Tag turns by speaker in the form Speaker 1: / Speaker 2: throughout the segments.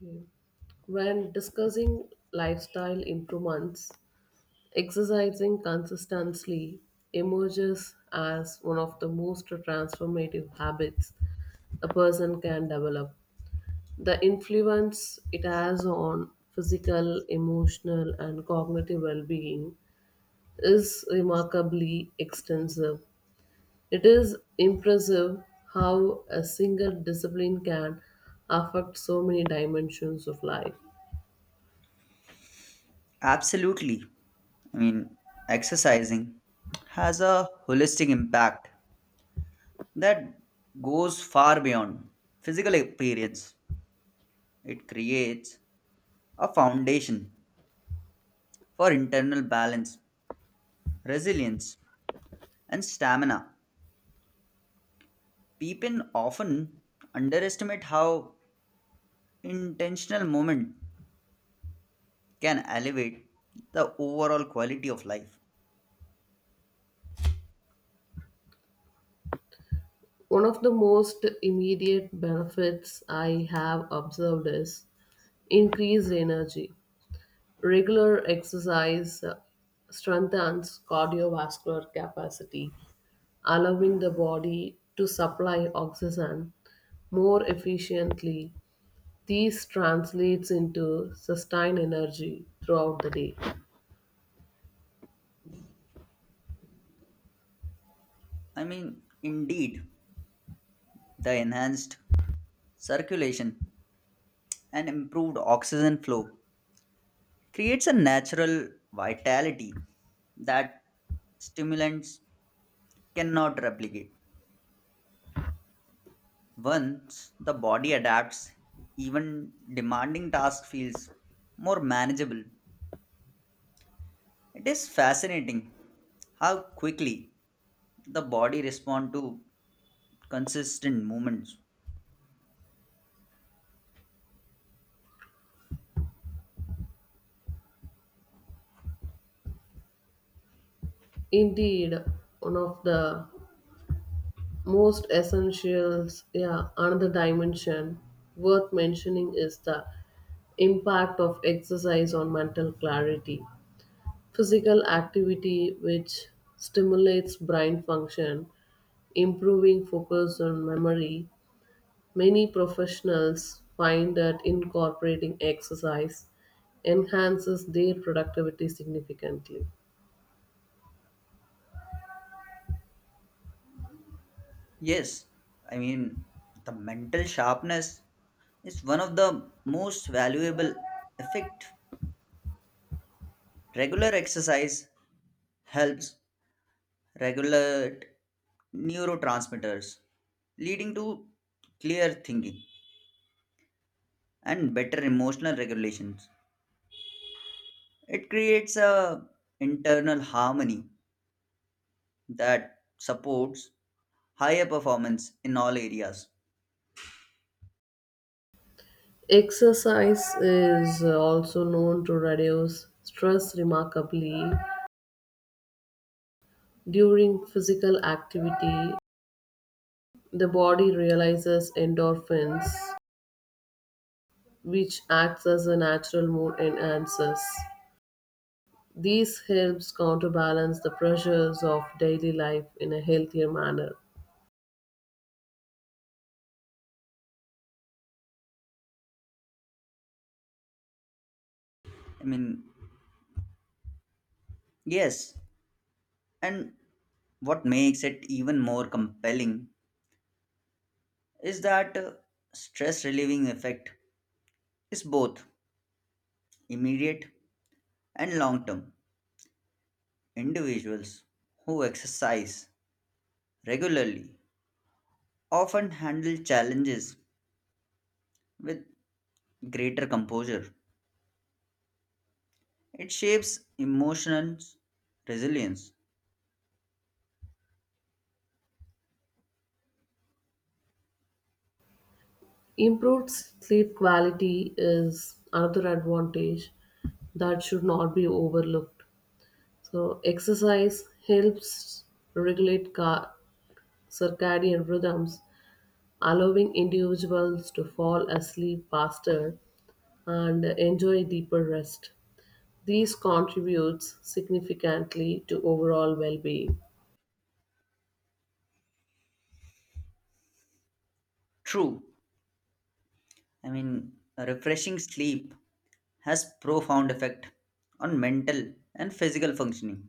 Speaker 1: Yeah. When discussing lifestyle improvements, exercising consistently emerges as one of the most transformative habits a person can develop. The influence it has on physical, emotional, and cognitive well being is remarkably extensive. It is impressive how a single discipline can affect so many dimensions of life.
Speaker 2: Absolutely. I mean, Exercising has a holistic impact that goes far beyond physical appearance. It creates a foundation for internal balance, resilience, and stamina. People often underestimate how intentional movement can elevate the overall quality of life.
Speaker 1: One of the most immediate benefits I have observed is increased energy. Regular exercise strengthens cardiovascular capacity, allowing the body to supply oxygen more efficiently. This translates into sustained energy throughout the day.
Speaker 2: Indeed, the enhanced circulation and improved oxygen flow creates a natural vitality that stimulants cannot replicate. Once the body adapts, even demanding task feels more manageable. It is fascinating how quickly the body responds to consistent movements.
Speaker 1: Indeed, one of the most essentials, yeah, another dimension worth mentioning is the impact of exercise on mental clarity, physical activity which stimulates brain function, improving focus on memory. Many professionals find that incorporating exercise enhances their productivity significantly.
Speaker 2: Yes, I mean the mental sharpness is one of the most valuable effect. Regular exercise helps regulate neurotransmitters, leading to clear thinking and better emotional regulations. It creates a internal harmony that supports higher performance in all areas.
Speaker 1: Exercise is also known to reduce stress remarkably. During physical activity the body releases endorphins which acts as a natural mood enhancer. These helps counterbalance the pressures of daily life in a healthier manner.
Speaker 2: I mean, yes, and what makes it even more compelling is that stress relieving effect is both immediate and long term. Individuals who exercise regularly often handle challenges with greater composure. It shapes emotional resilience.
Speaker 1: Improved sleep quality is another advantage that should not be overlooked. So, exercise helps regulate circadian rhythms, allowing individuals to fall asleep faster and enjoy deeper rest. These contributes significantly to overall well-being.
Speaker 2: True, a refreshing sleep has profound effect on mental and physical functioning.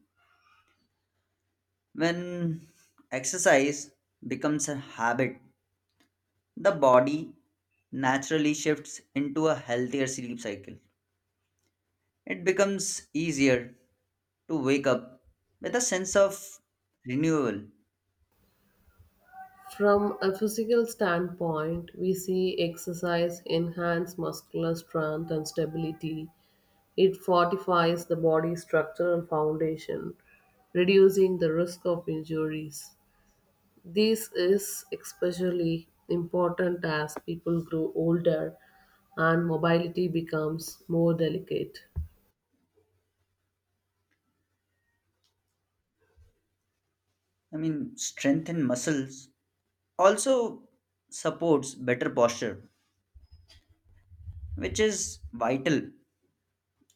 Speaker 2: When exercise becomes a habit, the body naturally shifts into a healthier sleep cycle. It becomes easier to wake up with a sense of renewal.
Speaker 1: From a physical standpoint, we see exercise enhance muscular strength and stability. It fortifies the body's structural foundation, reducing the risk of injuries. This is especially important as people grow older and mobility becomes more delicate.
Speaker 2: Strengthen muscles, also supports better posture, which is vital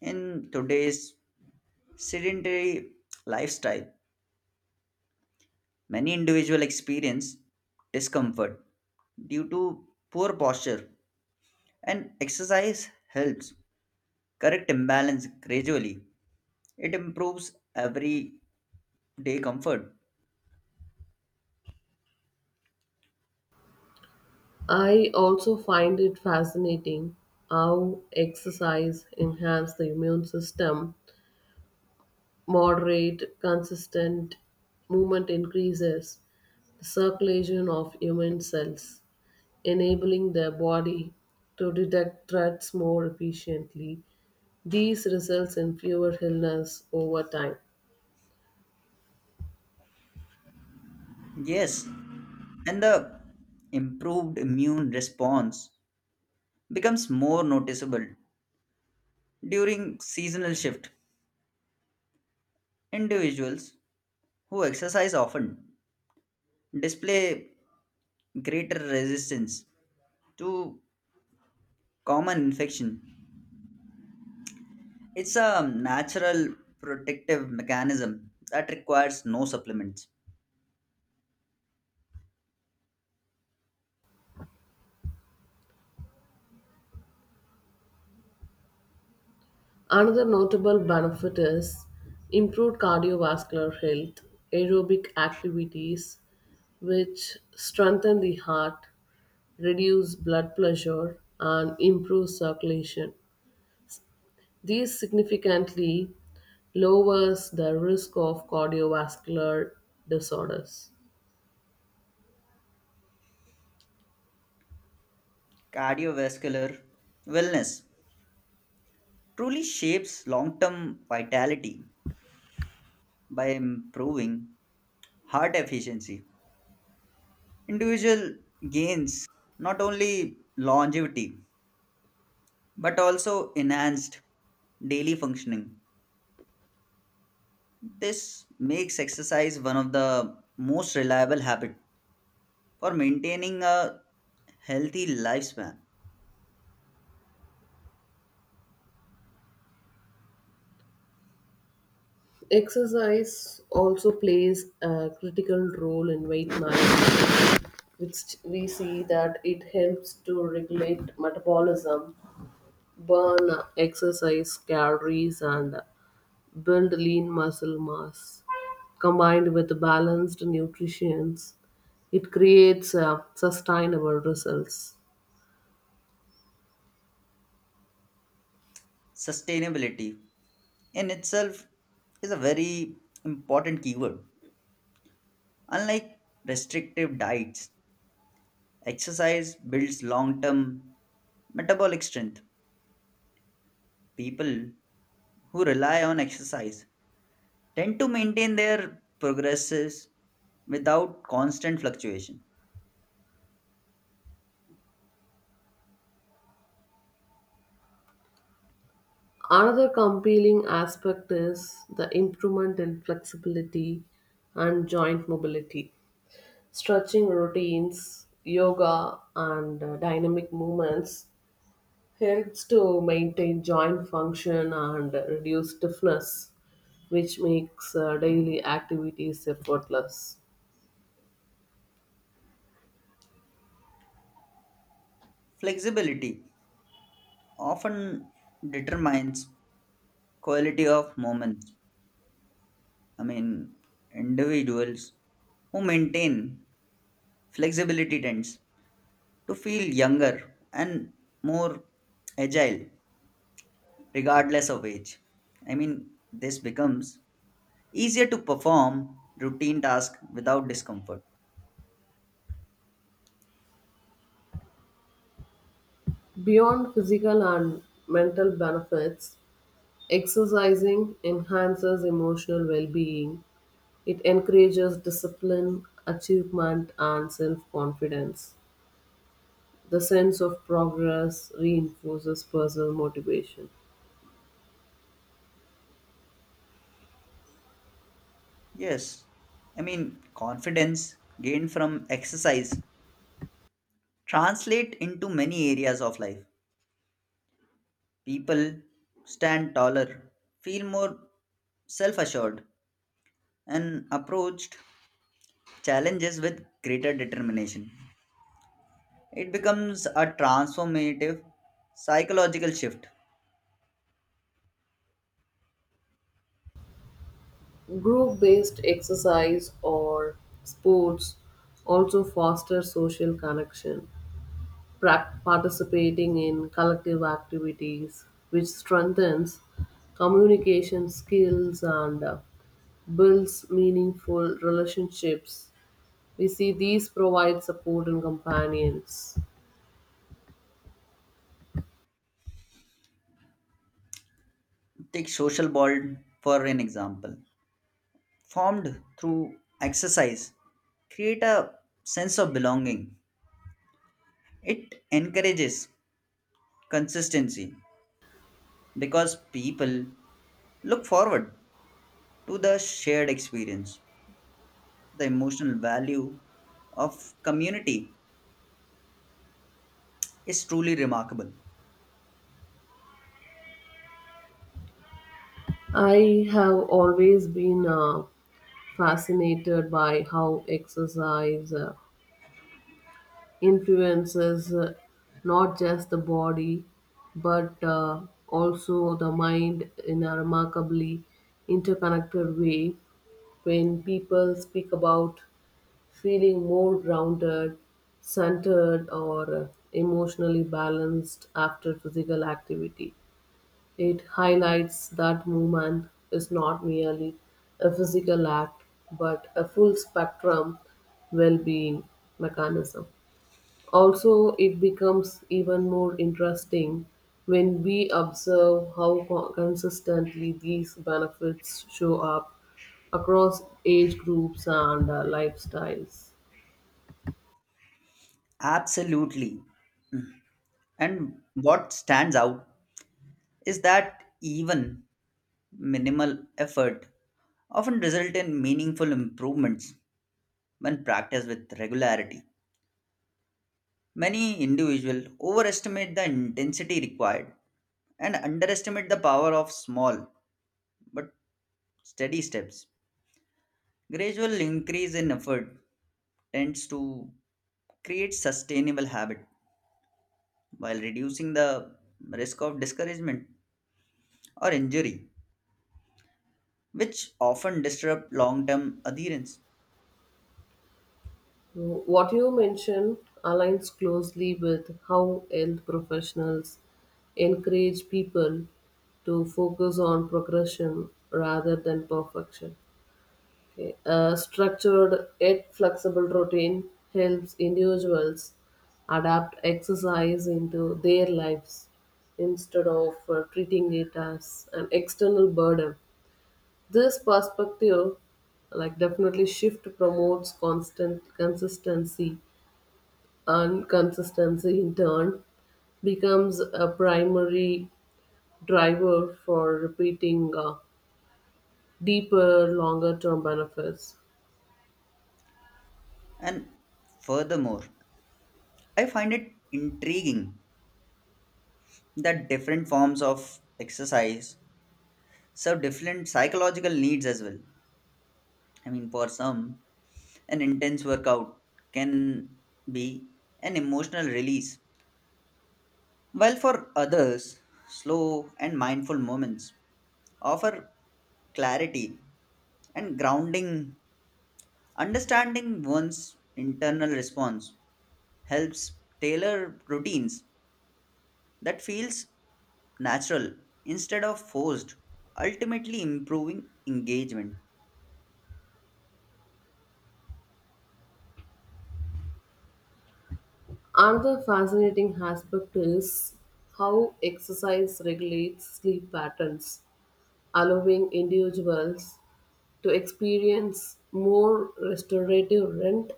Speaker 2: in today's sedentary lifestyle. Many individuals experience discomfort due to poor posture, and exercise helps correct imbalance gradually. It improves everyday comfort.
Speaker 1: I also find it fascinating how exercise enhances the immune system. Moderate, consistent movement increases the circulation of immune cells, enabling the body to detect threats more efficiently. These results in fewer illness over time.
Speaker 2: Yes, and the improved immune response becomes more noticeable during seasonal shift. Individuals who exercise often display greater resistance to common infection. It's a natural protective mechanism that requires no supplements.
Speaker 1: Another notable benefit is improved cardiovascular health, aerobic activities, which strengthen the heart, reduce blood pressure, and improve circulation. These significantly lowers the risk of cardiovascular disorders.
Speaker 2: Cardiovascular wellness truly shapes long term vitality by improving heart efficiency. Individual gains not only longevity but also enhanced daily functioning. This makes exercise one of the most reliable habits for maintaining a healthy lifespan.
Speaker 1: Exercise also plays a critical role in weight management, which we see that it helps to regulate metabolism, burn excess calories, and build lean muscle mass. Combined with balanced nutrition, it creates sustainable results.
Speaker 2: Sustainability in itself is a very important keyword. Unlike restrictive diets, exercise builds long term metabolic strength. People who rely on exercise tend to maintain their progresses without constant fluctuation.
Speaker 1: Another compelling aspect is the improvement in flexibility and joint mobility. Stretching routines, yoga, and dynamic movements helps to maintain joint function and reduce stiffness, which makes daily activities effortless.
Speaker 2: Flexibility often determines quality of moments. I mean, Individuals who maintain flexibility tends to feel younger and more agile regardless of age. This becomes easier to perform routine tasks without discomfort.
Speaker 1: Beyond physical and mental benefits, exercising enhances emotional well being. It encourages discipline, achievement, and self confidence. The sense of progress reinforces personal motivation.
Speaker 2: Yes, confidence gained from exercise translate into many areas of life. People stand taller, feel more self-assured, and approached challenges with greater determination. It becomes a transformative psychological shift.
Speaker 1: Group based exercise or sports also foster social connection, participating in collective activities, which strengthens communication skills and builds meaningful relationships. We see these provide support and companions.
Speaker 2: Take social bond for an example. Formed through exercise, create a sense of belonging. It encourages consistency because people look forward to the shared experience. The emotional value of community is truly remarkable.
Speaker 1: I have always been fascinated by how exercise influences, not just the body but, also the mind in a remarkably interconnected way. When people speak about feeling more grounded, centered, or, emotionally balanced after physical activity, it highlights that movement is not merely a physical act but a full spectrum well-being mechanism. Also, it becomes even more interesting when we observe how consistently these benefits show up across age groups and, lifestyles.
Speaker 2: Absolutely. And what stands out is that even minimal effort often result in meaningful improvements when practiced with regularity. Many individuals overestimate the intensity required and underestimate the power of small but steady steps. Gradual increase in effort tends to create sustainable habit while reducing the risk of discouragement or injury, which often disrupt long term adherence.
Speaker 1: So, what you mentioned aligns closely with how health professionals encourage people to focus on progression rather than perfection. A structured yet flexible routine helps individuals adapt exercise into their lives instead of treating it as an external burden. This perspective, like definitely shift, promotes constant consistency, and consistency in turn becomes a primary driver for repeating deeper, longer term benefits.
Speaker 2: And furthermore, I find it intriguing that different forms of exercise serve different psychological needs as well. For some, an intense workout can be an emotional release, while for others, slow and mindful moments offer clarity and grounding. Understanding one's internal response helps tailor routines that feels natural instead of forced, ultimately improving engagement.
Speaker 1: Another fascinating aspect is how exercise regulates sleep patterns, allowing individuals to experience more restorative rent.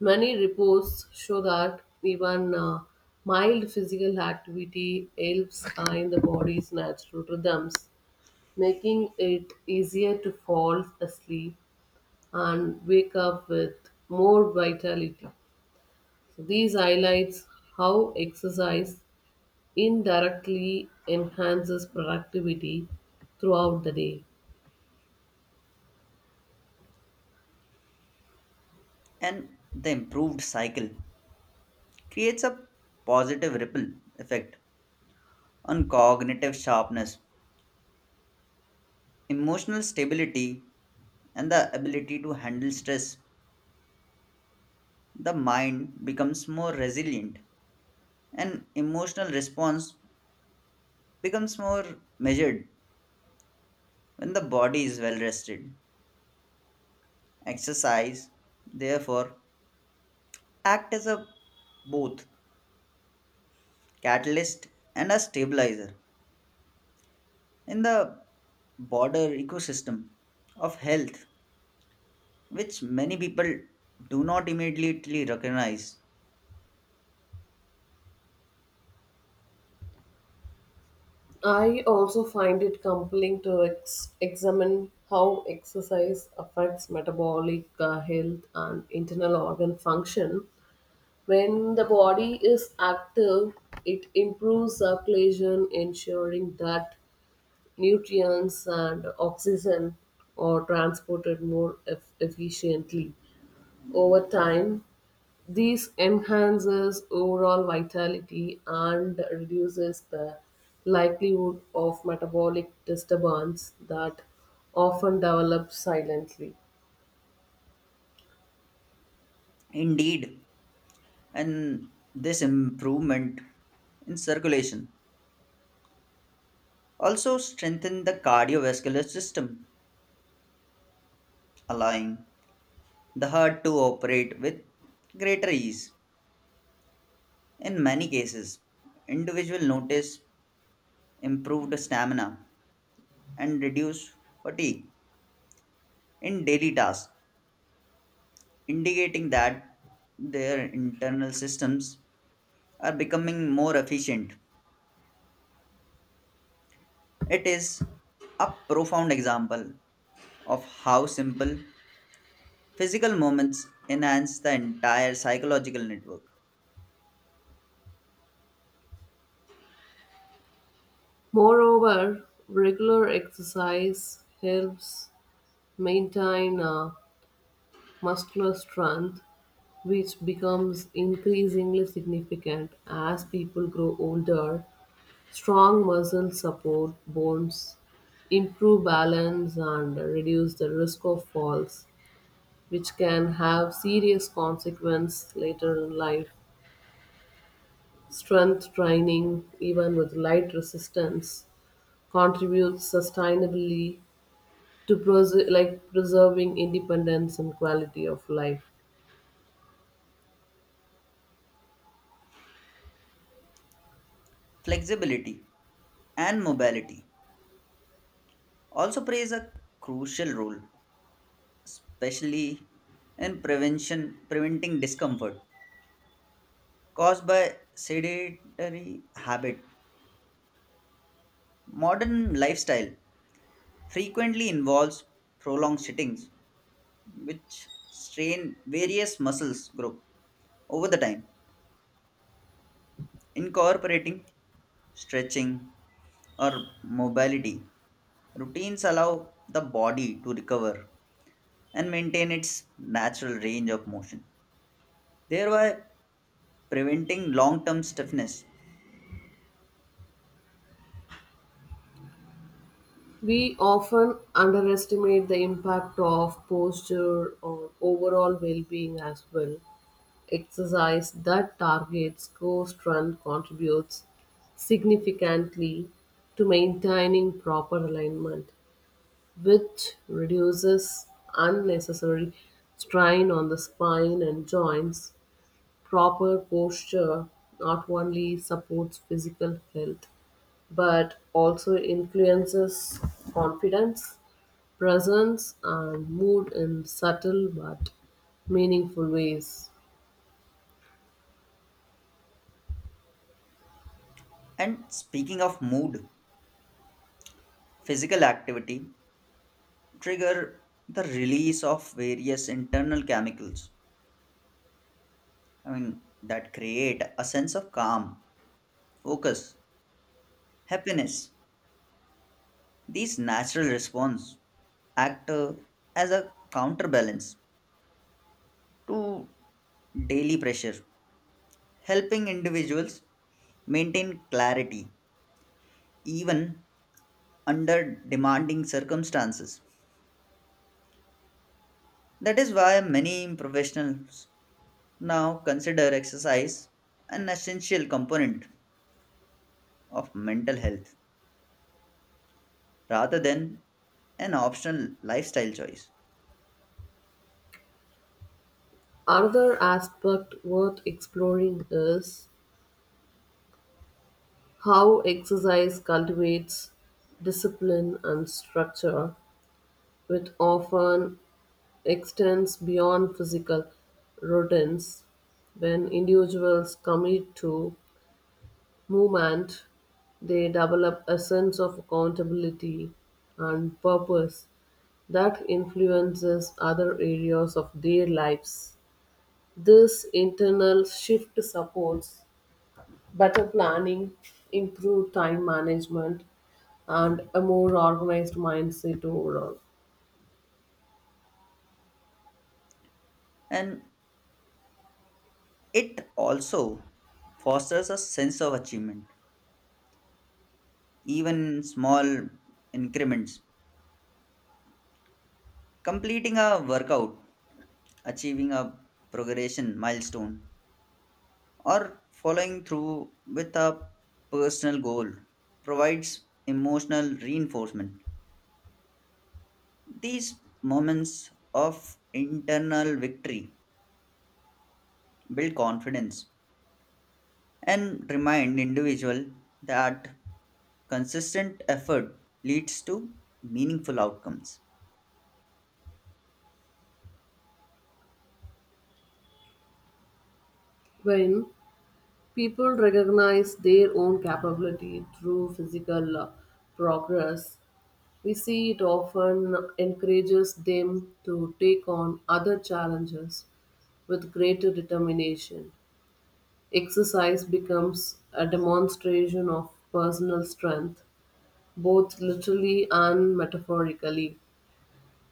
Speaker 1: Many reports show that even mild physical activity helps, in the body's natural rhythms, making it easier to fall asleep and wake up with more vitality. So these highlights how exercise indirectly enhances productivity throughout the day.
Speaker 2: And the improved cycle creates a positive ripple effect on cognitive sharpness, emotional stability, and the ability to handle stress. The mind becomes more resilient and emotional response becomes more measured when the body is well rested. Exercise, therefore, act as a both catalyst and a stabilizer in the broader ecosystem of health, which many people do not immediately recognize.
Speaker 1: I also find it compelling to examine how exercise affects metabolic health and internal organ function. When the body is active, it improves circulation, ensuring that nutrients and oxygen are transported more efficiently. Over time, this enhances overall vitality and reduces the likelihood of metabolic disturbance that often develop silently.
Speaker 2: Indeed, and this improvement in circulation also strengthen the cardiovascular system, allowing the heart to operate with greater ease. In many cases, individuals notice improved stamina and reduce fatigue in daily tasks, indicating that their internal systems are becoming more efficient. It is a profound example of how simple physical moments enhance the entire psychological network.
Speaker 1: Moreover, regular exercise helps maintain muscular strength, which becomes increasingly significant as people grow older. Strong muscles support bones, improve balance, and reduce the risk of falls, which can have serious consequences later in life. Strength training, even with light resistance, contributes sustainably to preserving independence and quality of life.
Speaker 2: Flexibility and mobility also plays a crucial role, especially in prevention preventing discomfort caused by sedentary habit. Modern lifestyle frequently involves prolonged sittings, which strain various muscles groups over the time. Incorporating stretching or mobility routines allow the body to recover and maintain its natural range of motion, thereby preventing long-term stiffness.
Speaker 1: We often underestimate the impact of posture on overall well being as well. Exercise that targets core strength contributes significantly to maintaining proper alignment, which reduces unnecessary strain on the spine and joints. Proper posture not only supports physical health but also influences confidence, presence, and mood in subtle but meaningful ways.
Speaker 2: And speaking of mood, physical activity trigger the release of various internal chemicals. That create a sense of calm, focus, happiness. These natural response act as a counterbalance to daily pressure, helping individuals maintain clarity even under demanding circumstances. That is why many professionals now consider exercise an essential component of mental health rather than an optional lifestyle choice.
Speaker 1: Another aspect worth exploring is how exercise cultivates discipline and structure, which often extends beyond physical routines. When individuals commit to movement, they develop a sense of accountability and purpose that influences other areas of their lives. This internal shift supports better planning, improved time management, and a more organized mindset overall.
Speaker 2: And it also fosters a sense of achievement even in small increments. Completing a workout, achieving a progression milestone, or following through with a personal goal provides emotional reinforcement. These moments of internal victory build confidence and remind individual that consistent effort leads to meaningful outcomes.
Speaker 1: When people recognize their own capability through physical progress, we see it often encourages them to take on other challenges with greater determination. Exercise becomes a demonstration of personal strength, both literally and metaphorically.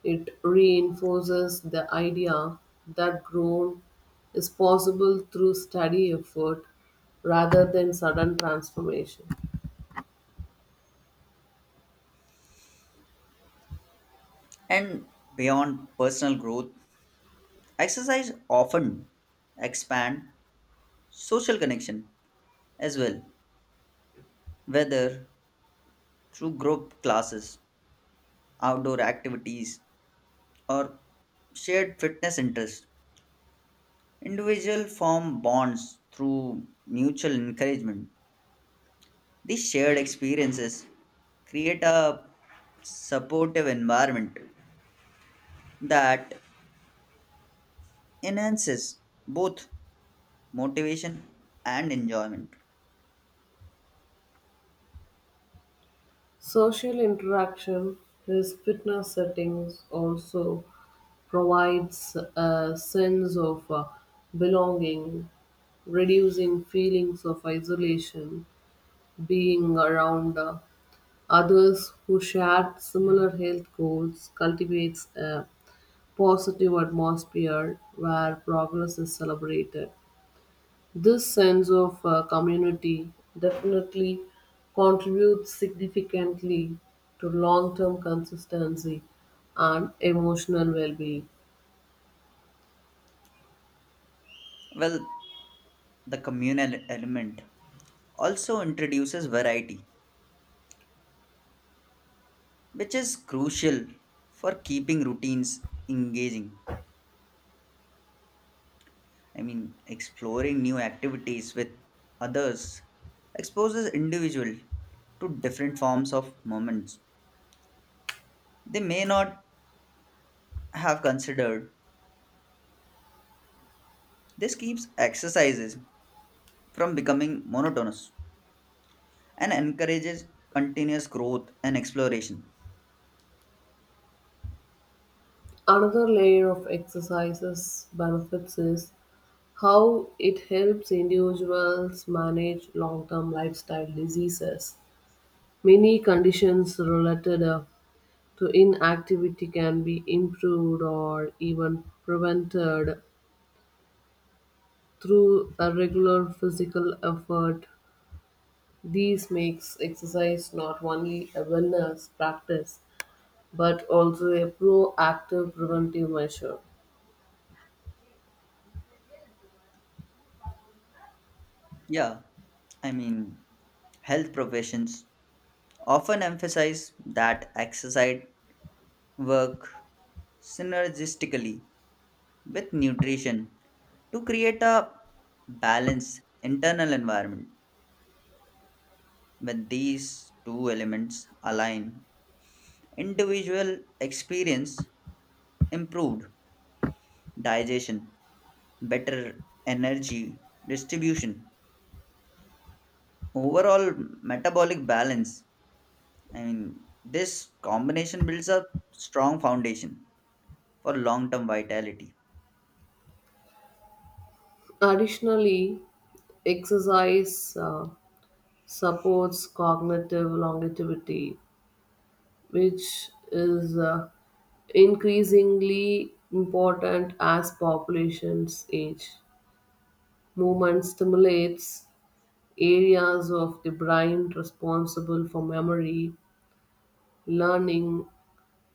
Speaker 1: It reinforces the idea that growth is possible through steady effort rather than sudden transformation.
Speaker 2: And beyond personal growth, exercise often expand social connection as well, whether through group classes, outdoor activities, or shared fitness interests. Individual form bonds through mutual encouragement. These shared experiences create a supportive environment that enhances both motivation and enjoyment.
Speaker 1: Social interaction with fitness settings also provides a sense of belonging, reducing feelings of isolation. Being around, others who share similar health goals cultivates a positive atmosphere where progress is celebrated. This sense of community definitely contributes significantly to long term consistency and emotional well being.
Speaker 2: Well, the communal element also introduces variety, which is crucial for keeping routines engaging. Exploring new activities with others exposes individual to different forms of moments they may not have considered. This keeps exercises from becoming monotonous and encourages continuous growth and exploration.
Speaker 1: Another layer of exercises benefits is how it helps individuals manage long term lifestyle diseases. Many conditions related, the inactivity can be improved or even prevented through a regular physical effort. This makes exercise not only a wellness practice but also a proactive preventive measure.
Speaker 2: Yeah, I mean, health professions often emphasize that exercise work synergistically with nutrition to create a balanced internal environment. When these two elements align, individual experience improved digestion, better energy distribution, overall metabolic balance. This combination builds a strong foundation for long term vitality.
Speaker 1: Additionally, exercise supports cognitive longevity, which is, increasingly important as populations age. Movement stimulates areas of the brain responsible for memory, learning,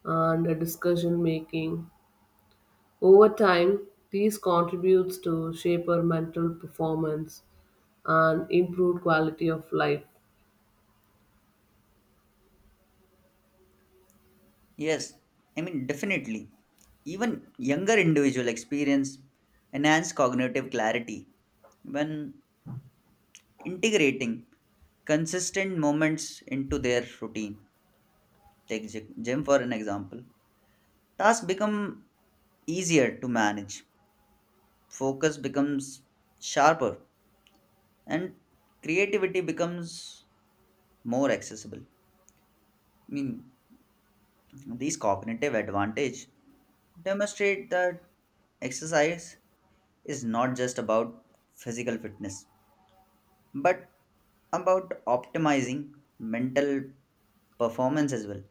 Speaker 1: and decision making. Over time, these contributes to shaper mental performance and improved quality of life.
Speaker 2: Yes, definitely. Even younger individual experience enhanced cognitive clarity when integrating consistent moments into their routine. Take gym for an example. Tasks become easier to manage, focus becomes sharper, and creativity becomes more accessible. Mean, These cognitive advantage demonstrate that exercise is not just about physical fitness but about optimizing mental performance as well.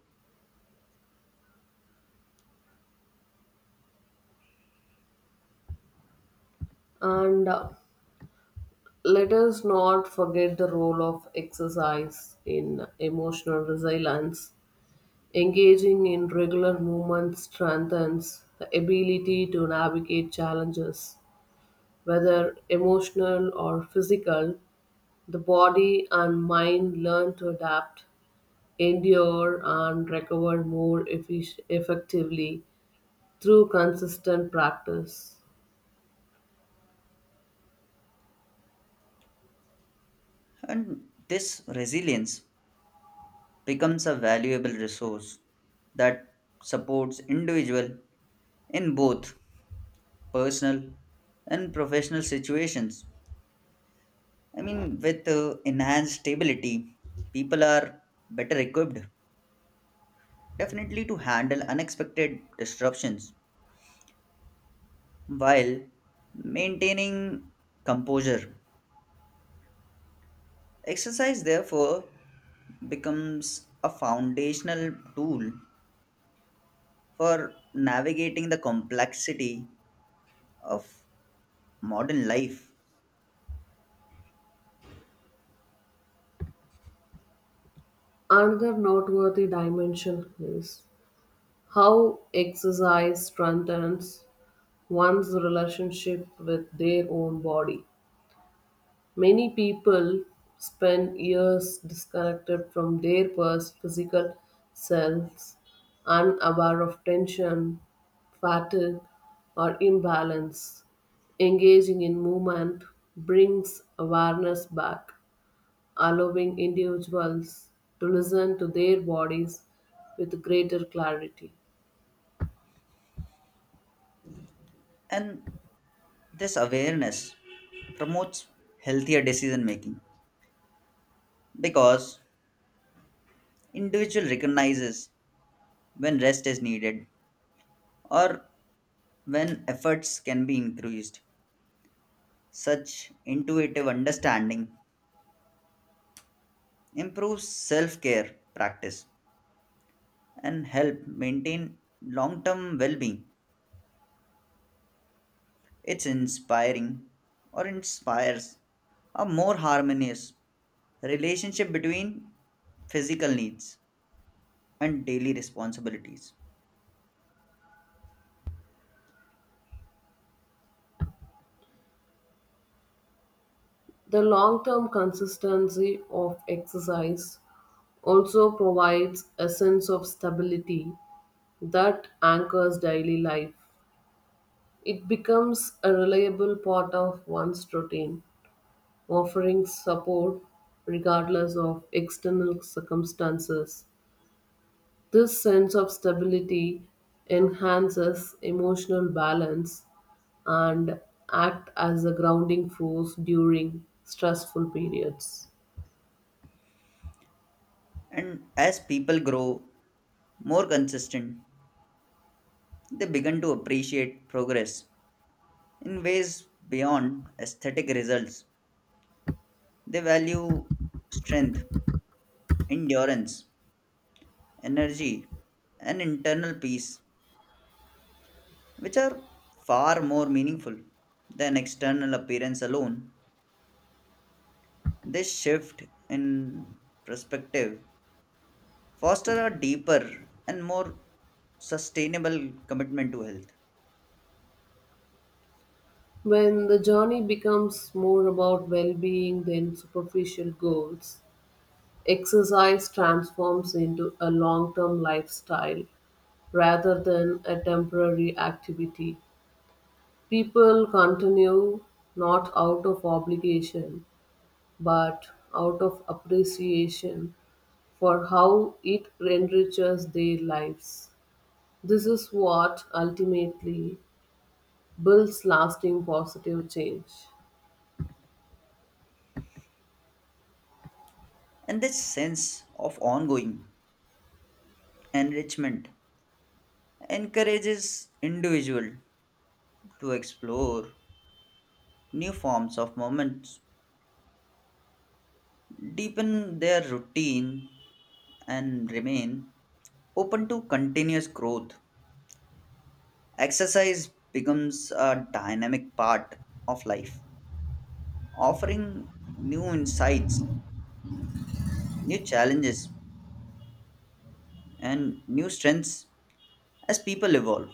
Speaker 1: And, let us not forget the role of exercise in emotional resilience. Engaging in regular movement strengthens the ability to navigate challenges, whether emotional or physical. The body and mind learn to adapt, endure, and recover more effectively through consistent practice.
Speaker 2: And this resilience becomes a valuable resource that supports individual in both personal and professional situations. With enhanced stability, people are better equipped definitely to handle unexpected disruptions while maintaining composure. Exercise, therefore, becomes a foundational tool for navigating the complexity of modern life.
Speaker 1: Another noteworthy dimension is how exercise strengthens one's relationship with their own body. Many people spend years disconnected from their past physical selves, unaware of tension, fatigue, or imbalance. Engaging in movement brings awareness back, allowing individuals to listen to their bodies with greater clarity.
Speaker 2: And this awareness promotes healthier decision making because individual recognizes when rest is needed or when efforts can be increased. Such intuitive understanding improves self care practice and help maintain long term well being. It's inspiring or Inspires a more harmonious relationship between physical needs and daily responsibilities.
Speaker 1: The long term consistency of exercise also provides a sense of stability that anchors daily life. It becomes a reliable part of one's routine, offering support regardless of external circumstances. This sense of stability enhances emotional balance and act as a grounding force during stressful periods.
Speaker 2: And as people grow more consistent, they begin to appreciate progress in ways beyond aesthetic results. They value strength, endurance, energy, and internal peace, which are far more meaningful than external appearance alone. This shift in perspective foster a deeper and more sustainable commitment to health.
Speaker 1: When the journey becomes more about well being than superficial goals, exercise transforms into a long term lifestyle rather than a temporary activity. People continue not out of obligation but out of appreciation for how it enriches their lives. This is what ultimately builds lasting positive change.
Speaker 2: And this sense of ongoing enrichment encourages individual to explore new forms of moments, deepen their routine and remain open to continuous growth. Exercise becomes a dynamic part of life, offering new insights, new challenges, and new strengths as people evolve.